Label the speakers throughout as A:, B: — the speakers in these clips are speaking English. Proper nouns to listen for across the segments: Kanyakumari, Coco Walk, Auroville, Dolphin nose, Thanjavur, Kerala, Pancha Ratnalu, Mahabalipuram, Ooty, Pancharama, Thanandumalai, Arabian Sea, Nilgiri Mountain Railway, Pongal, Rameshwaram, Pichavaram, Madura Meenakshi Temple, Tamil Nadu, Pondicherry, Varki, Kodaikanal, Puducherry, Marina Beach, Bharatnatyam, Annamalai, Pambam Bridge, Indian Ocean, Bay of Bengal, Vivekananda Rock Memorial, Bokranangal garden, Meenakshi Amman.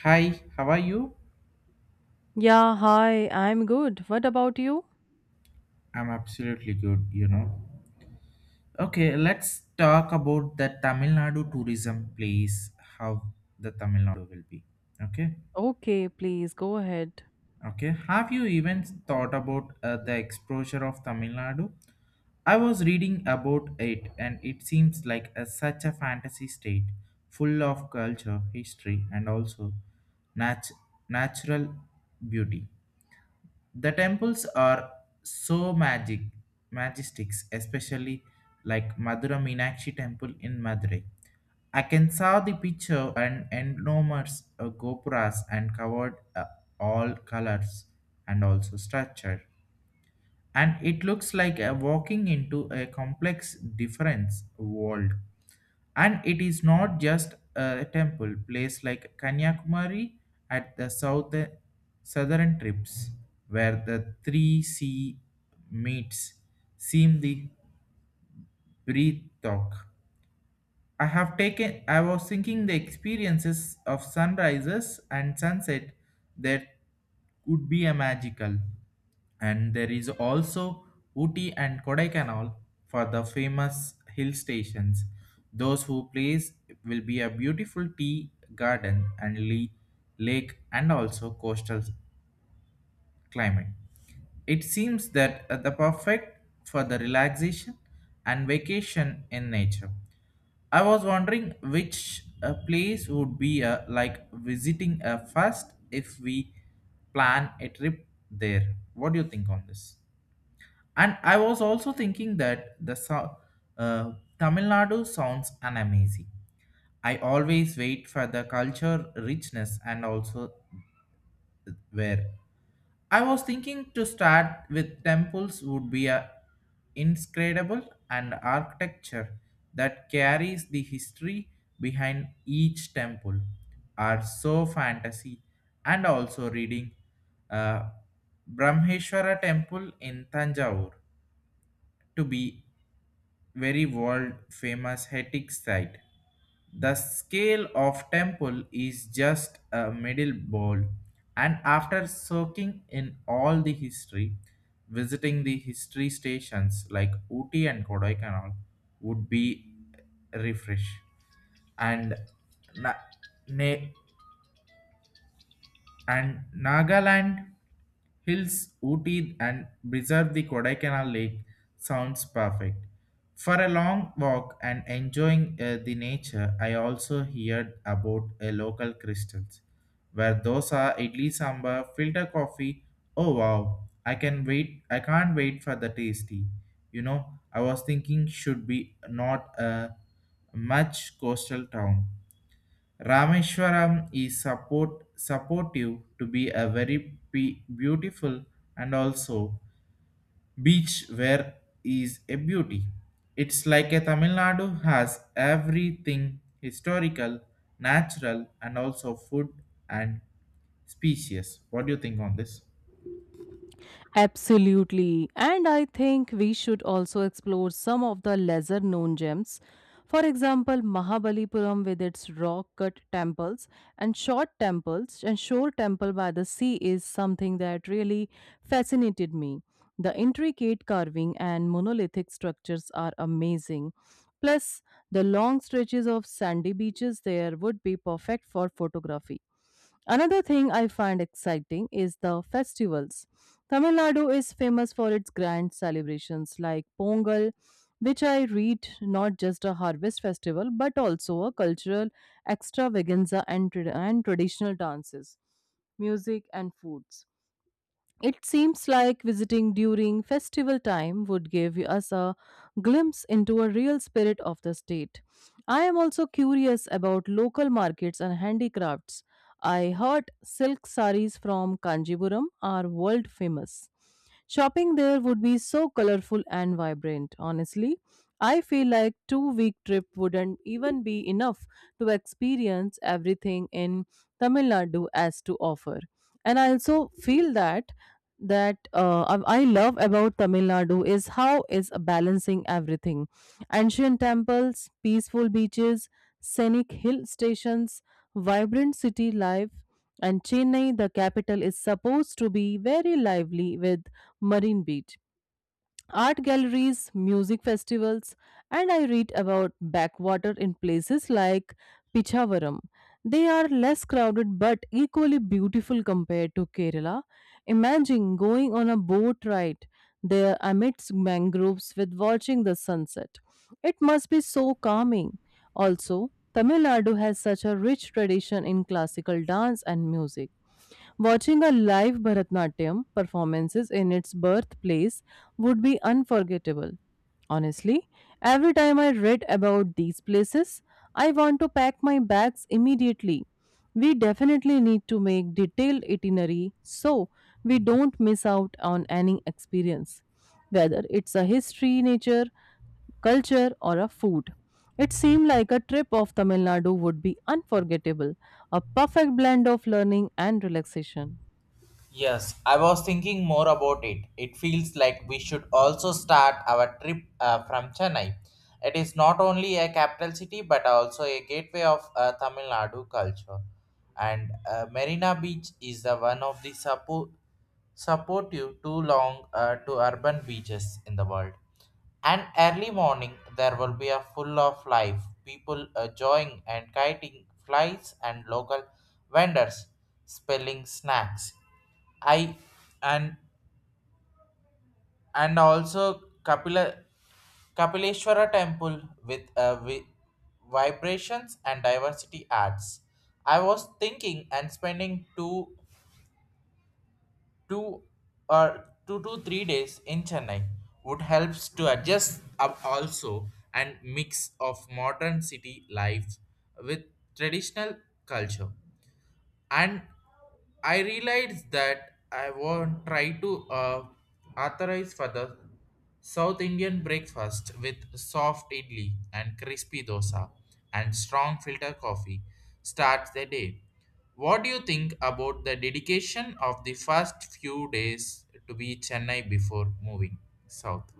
A: Hi, how are you?
B: Yeah, hi, I'm good. What about you?
A: I'm absolutely good, you know. Okay, let's talk about the Tamil Nadu tourism place, how the Tamil Nadu will be. Okay,
B: Okay, please go ahead.
A: okay. Have you even thought about the exposure of Tamil Nadu? I was reading about it and it seems like such a fantasy state full of culture, history, and also nat- natural beauty. The temples are so magic, majestics, especially like Madura Meenakshi Temple in Madurai. I can saw the picture and enormous gopuras and covered all colors and also structure. And it looks like a walking into a complex difference world. And it is not just a temple place like Kanyakumari at the southern trips, where the three sea meets, seem the breath talk. I have taken I was thinking the experiences of sunrises and sunset that would be a magical. And there is also Uti and Kodaikanal for the famous hill stations. Those who place will be a beautiful tea garden and lake and also coastal climate. It seems that the perfect for the relaxation and vacation in nature. I was wondering which place would be like visiting first if we plan a trip there. What do you think on this? And I was also thinking that the uh, Tamil Nadu sounds an amazing. I always wait for the culture richness and also where I was thinking to start with temples would be a inscrutable and architecture that carries the history behind each temple are so fantasy and also reading uh, Brahmeshwara temple in Tanjore to be very world famous Hetic site, the scale of temple is just a middle bowl, and after soaking in all the history, visiting the history stations like Uti and Kodaikanal would be refresh and na- na- and Nagaland hills, Ooty, and preserve the Kodaikanal Lake sounds perfect. For a long walk and enjoying the nature, I also heard about a local crystals where dosa, idli sambar, filter coffee. Oh wow! I can wait. I can't wait for the tasty. You know, I was thinking should be not a much coastal town Rameshwaram is supportive to be a very beautiful and also beach where is a beauty. It's like a Tamil Nadu has everything historical, natural, and also food and species. What do you think on this?
B: Absolutely. And I think we should also explore some of the lesser known gems. For example, Mahabalipuram with its rock cut temples and short temples and shore temple by the sea is something that really fascinated me. The intricate carving and monolithic structures are amazing. Plus, the long stretches of sandy beaches there would be perfect for photography. Another thing I find exciting is the festivals. Tamil Nadu is famous for its grand celebrations like Pongal, which I read not just a harvest festival but also a cultural extravaganza and, and traditional dances, music, and foods. It seems like visiting during festival time would give us a glimpse into a real spirit of the state. I am also curious about local markets and handicrafts. I heard silk saris from Kanjipuram are world famous. Shopping there would be so colorful and vibrant. Honestly, I feel like 2-week trip wouldn't even be enough to experience everything in Tamil Nadu has to offer. And I also feel that I love about Tamil Nadu is how is balancing everything. Ancient temples, peaceful beaches, scenic hill stations, vibrant city life, and Chennai, the capital, is supposed to be very lively with Marine Beach, art galleries, music festivals, and I read about backwater in places like Pichavaram. They are less crowded but equally beautiful compared to Kerala. Imagine going on a boat ride there amidst mangroves with watching the sunset. It must be so calming. Also, Tamil Nadu has such a rich tradition in classical dance and music. Watching a live Bharatnatyam performances in its birthplace would be unforgettable. Honestly, every time I read about these places, I want to pack my bags immediately. We definitely need to make detailed itinerary so we don't miss out on any experience, whether it's a history, nature, culture, or a food. It seemed like a trip of Tamil Nadu would be unforgettable, a perfect blend of learning and relaxation.
A: Yes, I was thinking more about it. It feels like we should also start our trip from Chennai. It is not only a capital city but also a gateway of Tamil Nadu culture. And Marina Beach is the one of the supportive too long to urban beaches in the world. And early morning there will be a full of life, people joying and kiting flies and local vendors spelling snacks. I and and also Kapila Kapileshwara temple with vibrations and diversity arts. I was thinking and spending two two to three days in Chennai would helps to adjust up also and mix of modern city life with traditional culture. And I realized that I won't try to authorize for the South Indian breakfast with soft idli and crispy dosa and strong filter coffee starts the day. What do you think about the dedication of the first few days to be Chennai before moving south?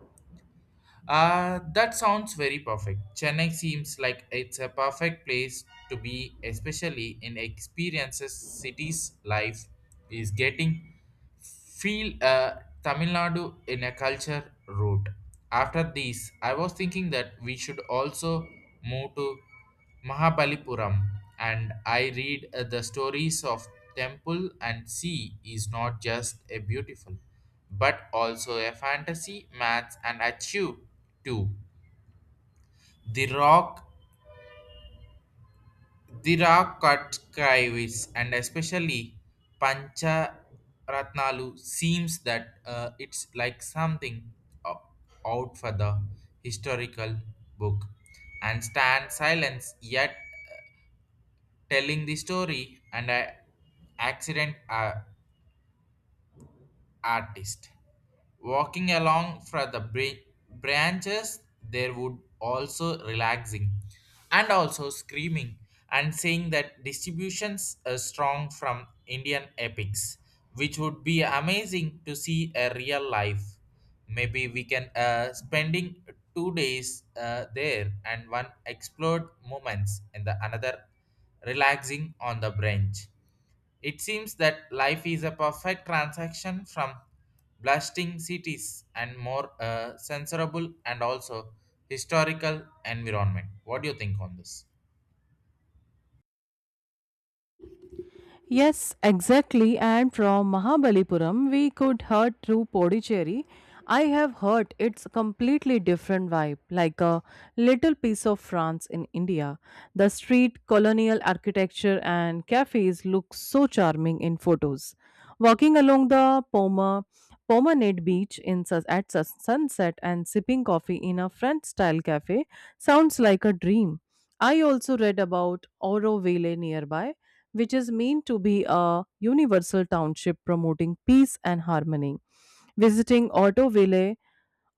A: That sounds very perfect. Chennai seems like it's a perfect place to be, especially in experiences. Cities life is getting feel Tamil Nadu in a culture route. After this, I was thinking that we should also move to Mahabalipuram, and I read the stories of temple and sea is not just a beautiful but also a fantasy maths and achieve too. The rock the rock cut kaivis and especially Pancha Ratnalu seems that it's like something o- out for the historical book and stand silence yet telling the story and a accident artist walking along from the branches there would also relaxing and also screaming and saying that distributions are strong from indian epics, which would be amazing to see a real life. Maybe we can spending 2 days there and one explored moments and the another relaxing on the branch. It seems that life is a perfect transaction from blasting cities and more censorable and also historical environment. What do you think on this?
B: Yes, exactly. And from Mahabalipuram, we could heard through Pondicherry. I have heard it's a completely different vibe, like a little piece of France in India. The street, colonial architecture, and cafes look so charming in photos. Walking along the Pomonade beach in at sunset and sipping coffee in a French-style cafe sounds like a dream. I also read about Auroville nearby, which is meant to be a universal township promoting peace and harmony. Visiting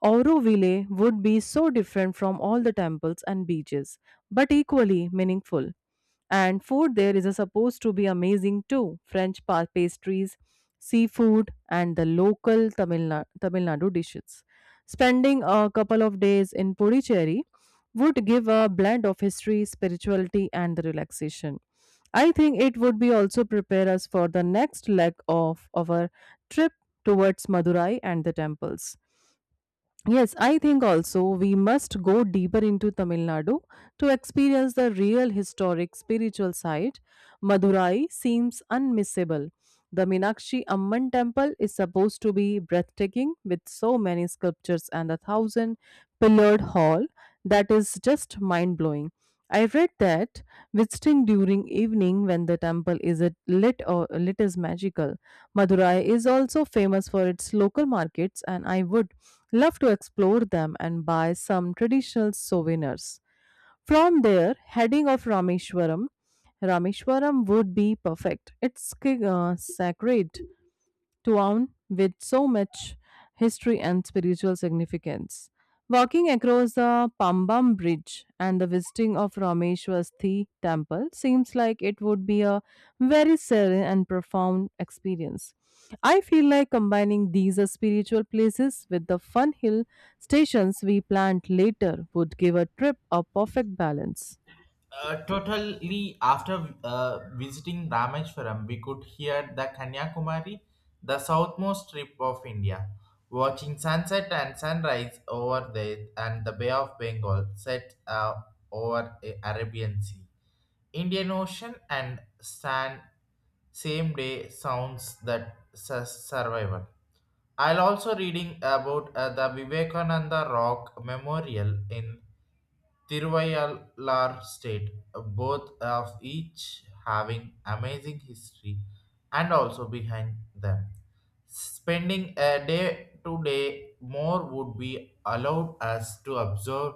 B: Auroville would be so different from all the temples and beaches, but equally meaningful. And food there is a supposed to be amazing too. French pastries, seafood, and the local Tamil Nadu dishes. Spending a couple of days in Puducherry would give a blend of history, spirituality, and the relaxation. I think it would be also prepare us for the next leg of our trip towards Madurai and the temples. Yes, I think also we must go deeper into Tamil Nadu to experience the real historic spiritual site. Madurai seems unmissable. The Meenakshi Amman temple is supposed to be breathtaking with so many sculptures and a thousand pillared hall that is just mind blowing. I read that visiting during evening when the temple is at lit or lit is magical. Madurai is also famous for its local markets and I would love to explore them and buy some traditional souvenirs. From there, heading of Rameshwaram would be perfect. It's sacred town with so much history and spiritual significance. Walking across the Pambam Bridge and the visiting of Rameshwasthi temple seems like it would be a very serene and profound experience. I feel like combining these spiritual places with the fun hill Stations we planned later would give a trip a perfect balance.
A: Totally after visiting Rameshwaram, we could hear the Kanyakumari, the southmost strip of India, watching sunset and sunrise over there and the Bay of Bengal set over the Arabian Sea. Indian Ocean and Sand Same Day sounds that survival. I'll also reading about the Vivekananda Rock Memorial in Tiruvayallar state, both of each having amazing history and also behind them. Spending a day to day more would be allowed us to observe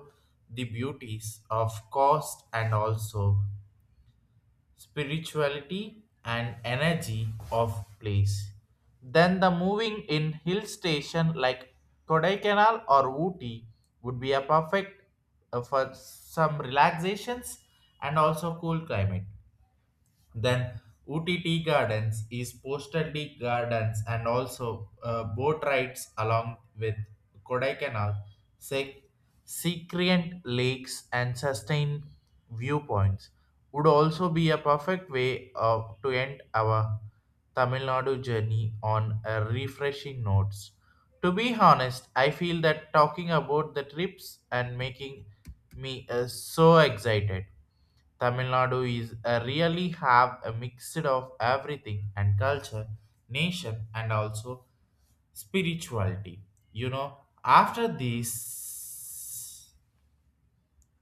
A: the beauties of coast and also spirituality and energy of place. Then the moving in hill station like Kodaikanal or Ooty would be a perfect for some relaxations and also cool climate. Then UTT Gardens is Postal D Gardens and also boat rides along with Kodaikanal, sec- secreant lakes and sustained viewpoints would also be a perfect way of, to end our Tamil Nadu journey on a refreshing notes. To be honest, I feel that talking about the trips and making me so excited. Tamil Nadu is a really have a mixed of everything and culture, nation, and also spirituality. You know, after this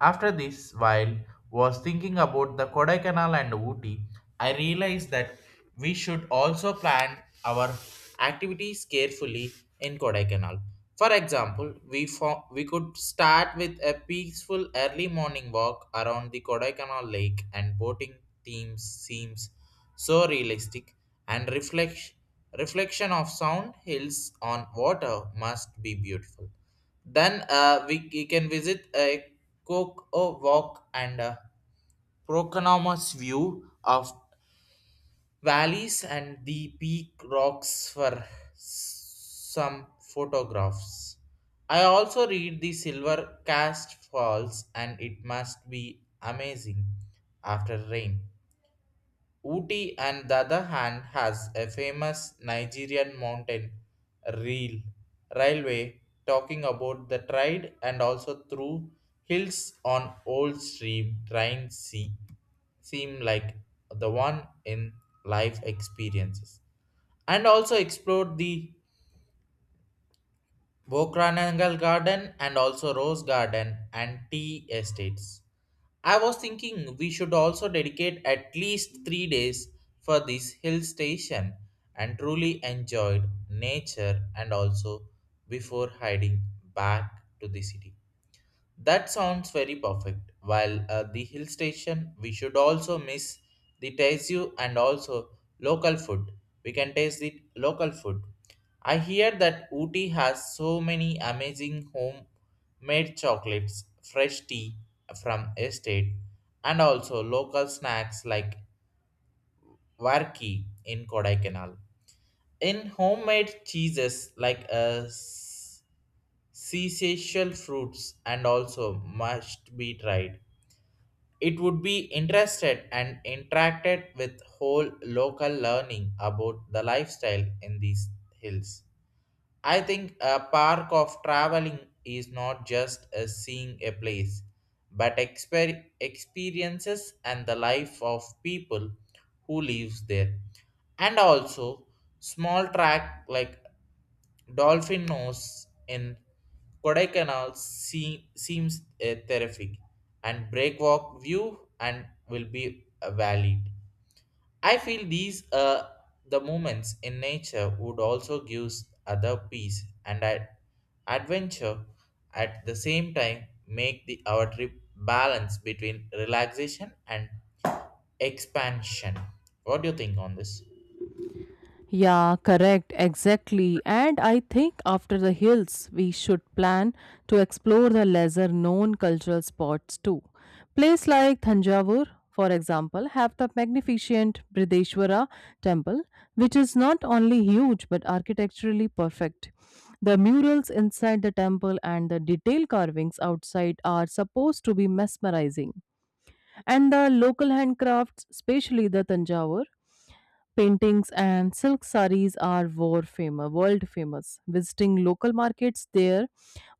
A: while was thinking about the Kodaikanal and Ooty, I realized that we should also plan our activities carefully in Kodaikanal. For example, we could start with a peaceful early morning walk around the Kodaikanal lake and boating themes seems so realistic, and reflection of sound hills on water must be beautiful. Then we can visit a Coco Walk and a Proconomus view of valleys and the peak rocks for some photographs. I also read the Silver Cast Falls and it must be amazing after rain. Uti, on the other hand, has a famous Nigerian mountain rail railway talking about the trade and also through hills on old stream train sea seem like the one in life experiences and also explored the Bokranangal garden and also rose garden and tea estates. I was thinking we should also dedicate at least 3 days for this hill station and truly enjoyed nature and also before heading back to the city. That sounds very perfect. While the hill station, we should also miss the Taizhu and also local food. We can taste the local food. I hear that Ooty has so many amazing homemade chocolates, fresh tea from estate, and also local snacks like Varki in Kodaikanal. In homemade cheeses like seasocial fruits and also must be tried. It would be interested and interacted with whole local learning about the lifestyle in these hills. I think a park of traveling is not just a seeing a place, but experiences and the life of people who lives there. And also small track like Dolphin nose in Kodaikanal seems a terrific, and breakwalk view and will be valid. I feel these the moments in nature would also give other peace and adventure at the same time make the our trip balance between relaxation and expansion. What do you think on this?
B: Yeah, correct, exactly. And I think after the hills, we should plan to explore the lesser known cultural spots too. Place like Thanjavur, for example, have the magnificent Brideshwara temple, which is not only huge but architecturally perfect. The murals inside the temple and the detailed carvings outside are supposed to be mesmerizing. And the local handcrafts, especially the Tanjavur, Paintings and silk saris are world famous. Visiting local markets there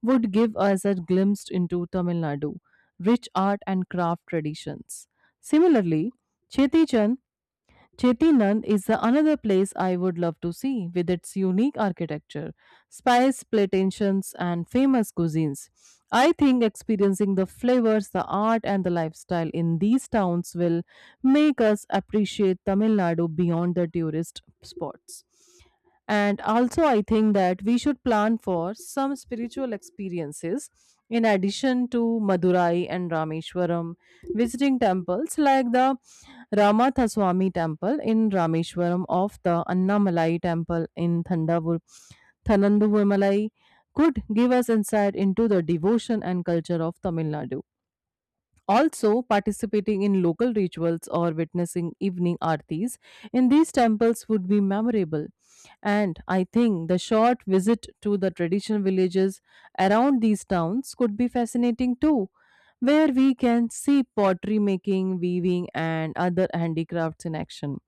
B: would give us a glimpse into Tamil Nadu, rich art and craft traditions. Similarly, Chetichan Chetinand is the another place I would love to see with its unique architecture, spice plantations, and famous cuisines. I think experiencing the flavors, the art, and the lifestyle in these towns will make us appreciate Tamil Nadu beyond the tourist spots. And also, I think that we should plan for some spiritual experiences in addition to Madurai and Rameshwaram, visiting temples like the Ramathaswamy Temple in Rameshwaram of the Annamalai Temple in Thanandumalai could give us insight into the devotion and culture of Tamil Nadu. Also, participating in local rituals or witnessing evening aartis in these temples would be memorable. And I think the short visit to the traditional villages around these towns could be fascinating too, where we can see pottery making, weaving, and other handicrafts in action.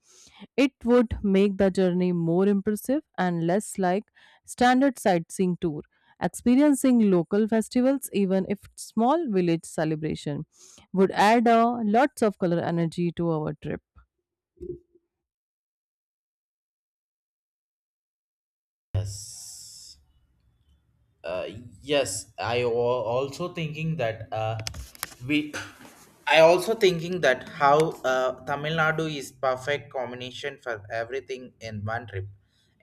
B: It would make the journey more impressive and less like standard sightseeing tour. Experiencing local festivals, even if small village celebration, would add a lots of color energy to our trip.
A: Yes. uh, yes, also thinking that we I also thinking that how tamil nadu is perfect combination for everything in one trip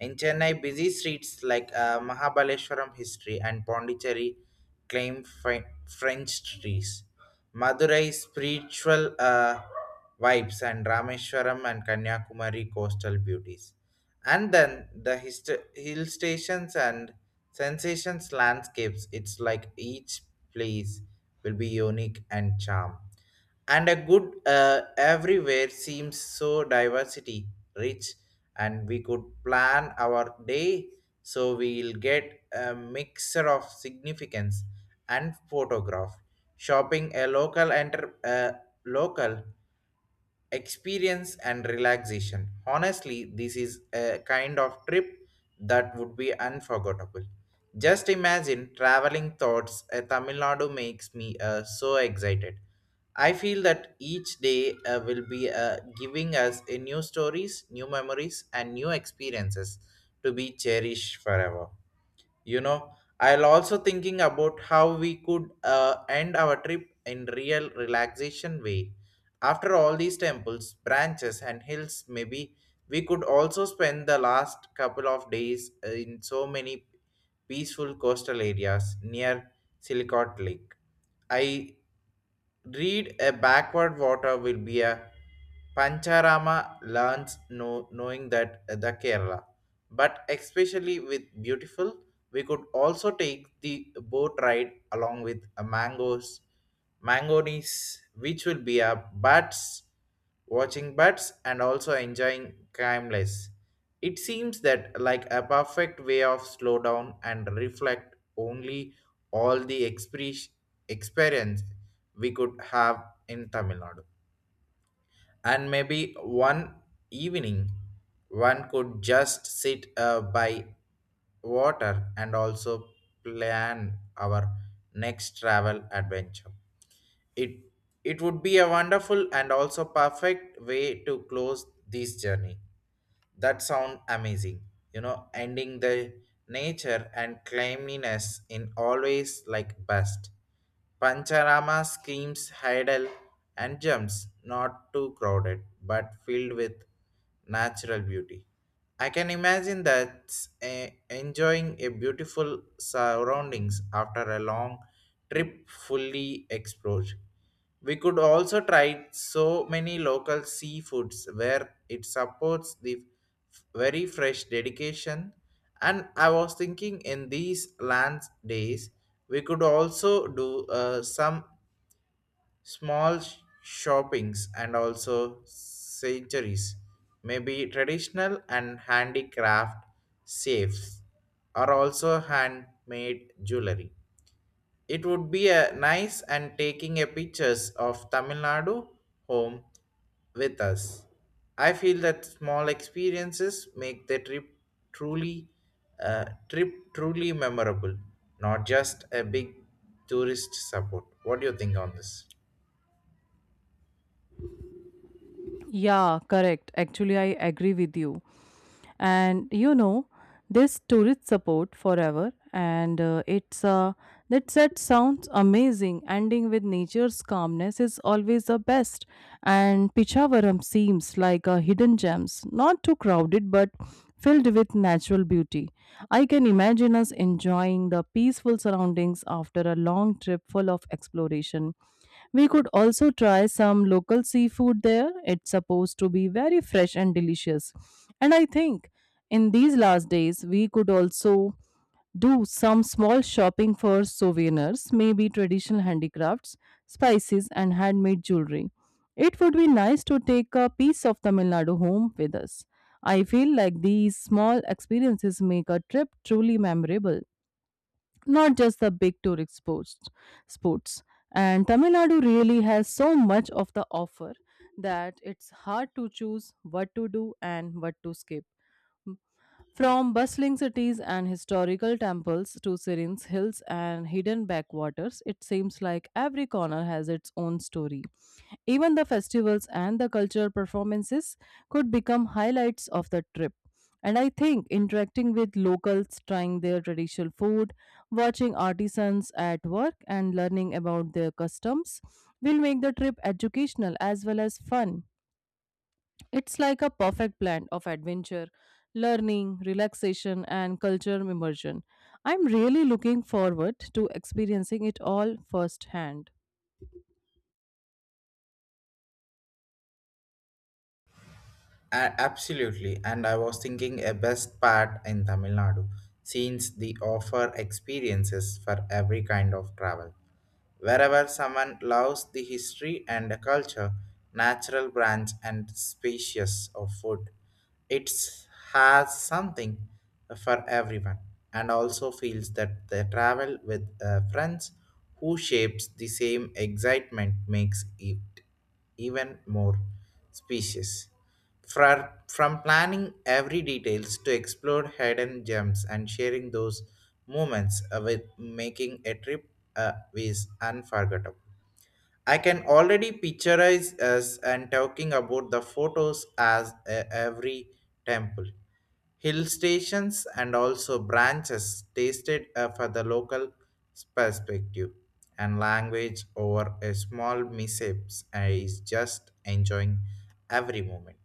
A: in chennai busy streets like mahabaleshwaram history and pondicherry claim Fre- french trees madurai spiritual vibes and Rameshwaram and Kanyakumari coastal beauties. And then the hill stations and sensations landscapes, it's like each place will be unique and charm. And a good everywhere seems so diversity rich, and we could plan our day so we'll get a mixer of significance and photograph shopping a local enter local experience and relaxation. Honestly, this is a kind of trip that would be unforgettable. Just imagine traveling thoughts a Tamil Nadu makes me so excited. I feel that each day will be giving us a new stories, new memories, and new experiences to be cherished forever you know I'll also thinking about how we could end our trip in real relaxation way after all these temples branches and hills maybe we could also spend the last couple of days in so many peaceful coastal areas near silicon lake. I read a backward water will be a pancharama learns know, knowing that the Kerala but especially with beautiful we could also take the boat ride along with a mangoes which will be a bats watching bats and also enjoying timeless. It seems that like a perfect way of slow down and reflect only all the experience we could have in Tamil Nadu. And maybe one evening one could just sit by water and also plan our next travel adventure. It it would be a wonderful and also perfect way to close this journey. That sound amazing. You know, ending the nature and cleanliness in always like best. Pancharama screams, hurdle, and jumps, not too crowded, but filled with natural beauty. I can imagine that enjoying a beautiful surroundings after a long trip fully explored. We could also try so many local seafoods where it supports the very fresh dedication. And I was thinking in these land days, we could also do some small shoppings and also sanctuaries may be traditional and handicraft safes or also handmade jewelry. It would be a nice and taking a pictures of Tamil Nadu home with us. I feel that small experiences make the truly trip truly memorable, not just a big tourist support. What do you think on this?
B: Yeah, correct. Actually, I agree with you. And you know, this tourist support forever and it's that set sounds amazing. Ending with nature's calmness is always the best, and Pichavaram seems like a hidden gems, not too crowded but filled with natural beauty. I can imagine us enjoying the peaceful surroundings after a long trip full of exploration. We could also try some local seafood there. It's supposed to be very fresh and delicious. And I think in these last days, we could also do some small shopping for souvenirs, maybe traditional handicrafts, spices, and handmade jewelry. It would be nice to take a piece of Tamil Nadu home with us. I feel like these small experiences make a trip truly memorable, not just the big tourist sports and Tamil Nadu really has so much of the offer, that it's hard to choose what to do and what to skip. From bustling cities and historical temples to serene hills and hidden backwaters, it seems like every corner has its own story. Even the festivals and the cultural performances could become highlights of the trip. And I think interacting with locals, trying their traditional food, watching artisans at work, and learning about their customs will make the trip educational as well as fun. It's like a perfect blend of adventure, learning, relaxation, and cultural immersion. I'm really looking forward to experiencing it all firsthand.
A: Absolutely, and I was thinking a best part in Tamil Nadu since the offer experiences for every kind of travel. Wherever someone loves the history and the culture, natural branch and species of food, it has something for everyone and also feels that the travel with friends who shapes the same excitement makes it even more species. From planning every details to explore hidden gems and sharing those moments with making a trip is unforgettable. I can already picturize us and talking about the photos as every temple, hill stations, and also branches tasted for the local perspective and language over a small mishaps I is just enjoying every moment.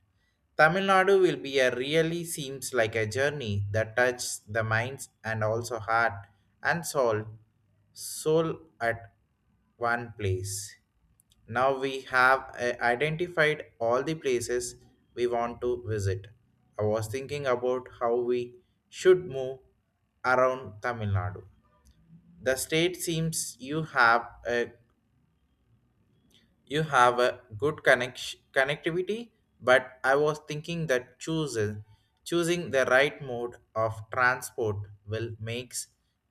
A: Tamil Nadu will be a really seems like a journey that touches the minds and also heart and soul at one place. Now we have identified all the places we want to visit. I was thinking about how we should move around Tamil Nadu. The state seems you have a good connectivity, but I was thinking that choosing the right mode of transport will makes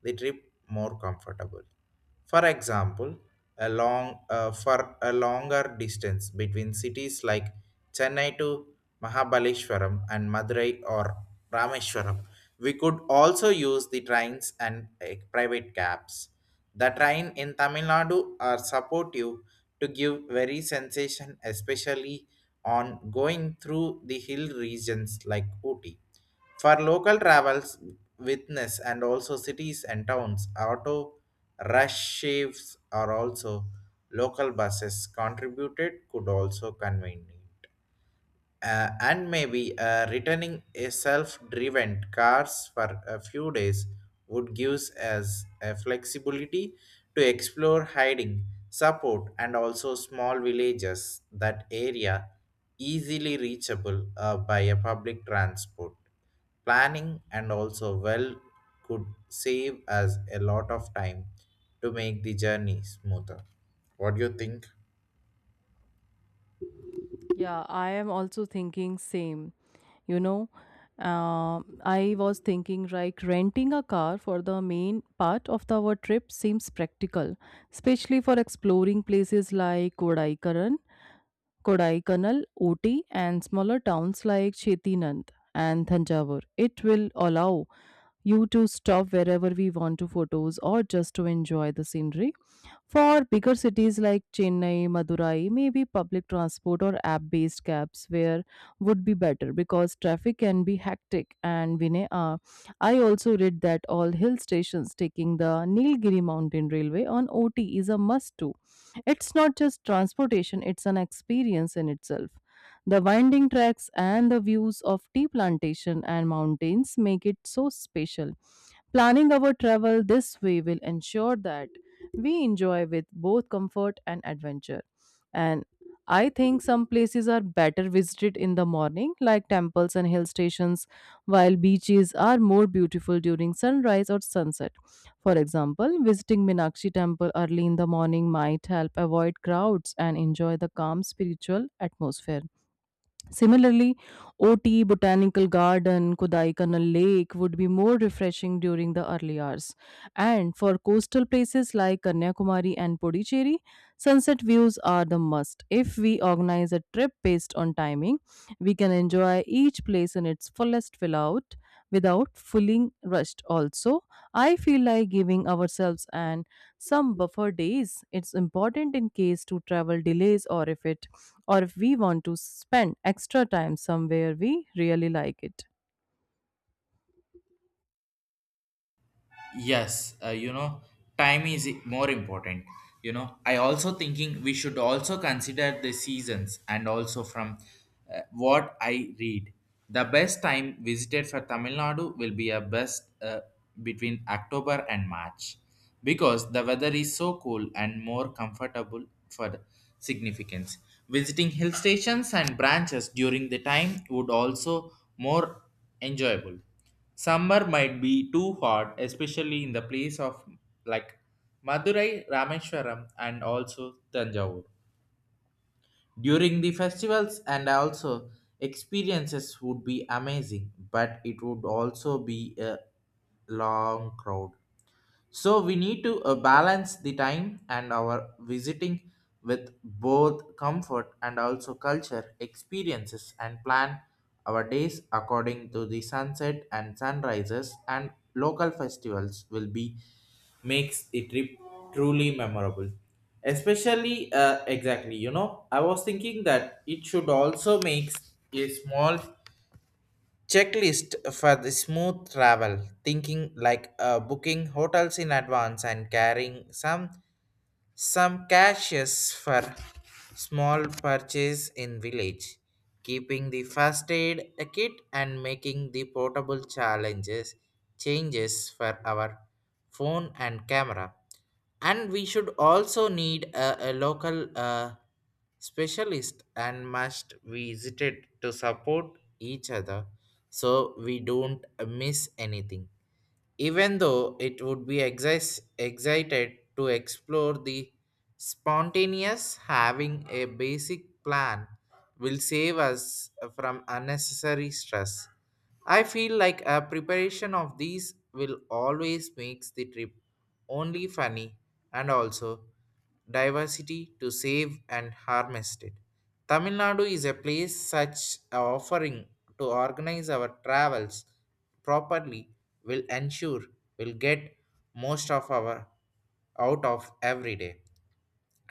A: the trip more comfortable. For example, a long for a longer distance between cities like Chennai to Mahabaleshwaram and Madurai or Rameshwaram, we could also use the trains and private cabs. The train in Tamil Nadu are supportive to give very sensation, especially on going through the hill regions like Ooty. For local travels, witness and also cities and towns, auto rush shifts are also local buses contributed could also convene, and maybe returning a self-driven cars for a few days would give us a flexibility to explore hiding support and also small villages that area easily reachable by a public transport. Planning and also well could save us a lot of time to make the journey smoother. What do you think?
B: Yeah, I am also thinking same. You know, Um I was thinking like renting a car for the main part of our trip seems practical, especially for exploring places like Kodaikanal, Ooty, and smaller towns like Chettinad and Thanjavur. It will allow you to stop wherever we want to photos or just to enjoy the scenery for bigger cities like Chennai, Madurai, maybe public transport or app based cabs where would be better because traffic can be hectic and I also read that all hill stations taking the Nilgiri Mountain Railway on OT is a must too. It's not just transportation, it's an experience in itself. The winding tracks and the views of tea plantation and mountains make it so special. Planning our travel this way will ensure that we enjoy with both comfort and adventure. And I think some places are better visited in the morning, like temples and hill stations, while beaches are more beautiful during sunrise or sunset. For example, visiting Minakshi temple early in the morning might help avoid crowds and enjoy the calm spiritual atmosphere. Similarly, OT, Botanical Garden, Kodaikanal Lake would be more refreshing during the early hours. And for coastal places like Kanyakumari and Puducherry, sunset views are the must. If we organize a trip based on timing, we can enjoy each place in its fullest without feeling rushed. Also, I feel like giving ourselves an some buffer days. It's important in case to travel delays or if it or if we want to spend extra time somewhere we really like it.
A: Yes, you know, time is more important. You know, I also thinking we should also consider the seasons and also from what I read the best time visited for Tamil Nadu will be a best between October and March because the weather is so cool and more comfortable for the significance. Visiting hill stations and branches during the time would also more enjoyable. Summer might be too hot, especially in the place of like Madurai, Rameshwaram, and also Tanjavur. During the festivals and also experiences would be amazing, but it would also be a long crowd, so we need to balance the time and our visiting with both comfort and also culture experiences, and plan our days according to the sunset and sunrises and local festivals will be makes a trip truly memorable. Especially exactly, you know, I was thinking that it should also makes a small checklist for the smooth travel thinking like booking hotels in advance and carrying some caches for small purchase in village, keeping the first aid kit and making the portable challenges changes for our phone and camera. And we should also need a local specialist and must visit it to support each other so we don't miss anything. Even though it would be excited to explore the spontaneous, having a basic plan will save us from unnecessary stress. I feel like a preparation of these will always makes the trip only funny and also diversity to save and harvest it. Tamil Nadu is a place such a offering to organize our travels properly will ensure we'll get most of our out of every day.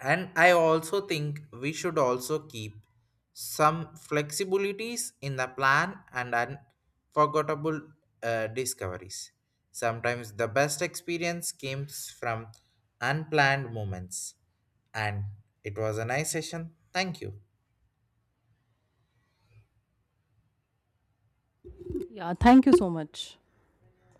A: And I also think we should also keep some flexibilities in the plan and unforgettable discoveries. Sometimes the best experience comes from unplanned moments. And it was a nice session. Thank you.
B: Yeah, thank you so much.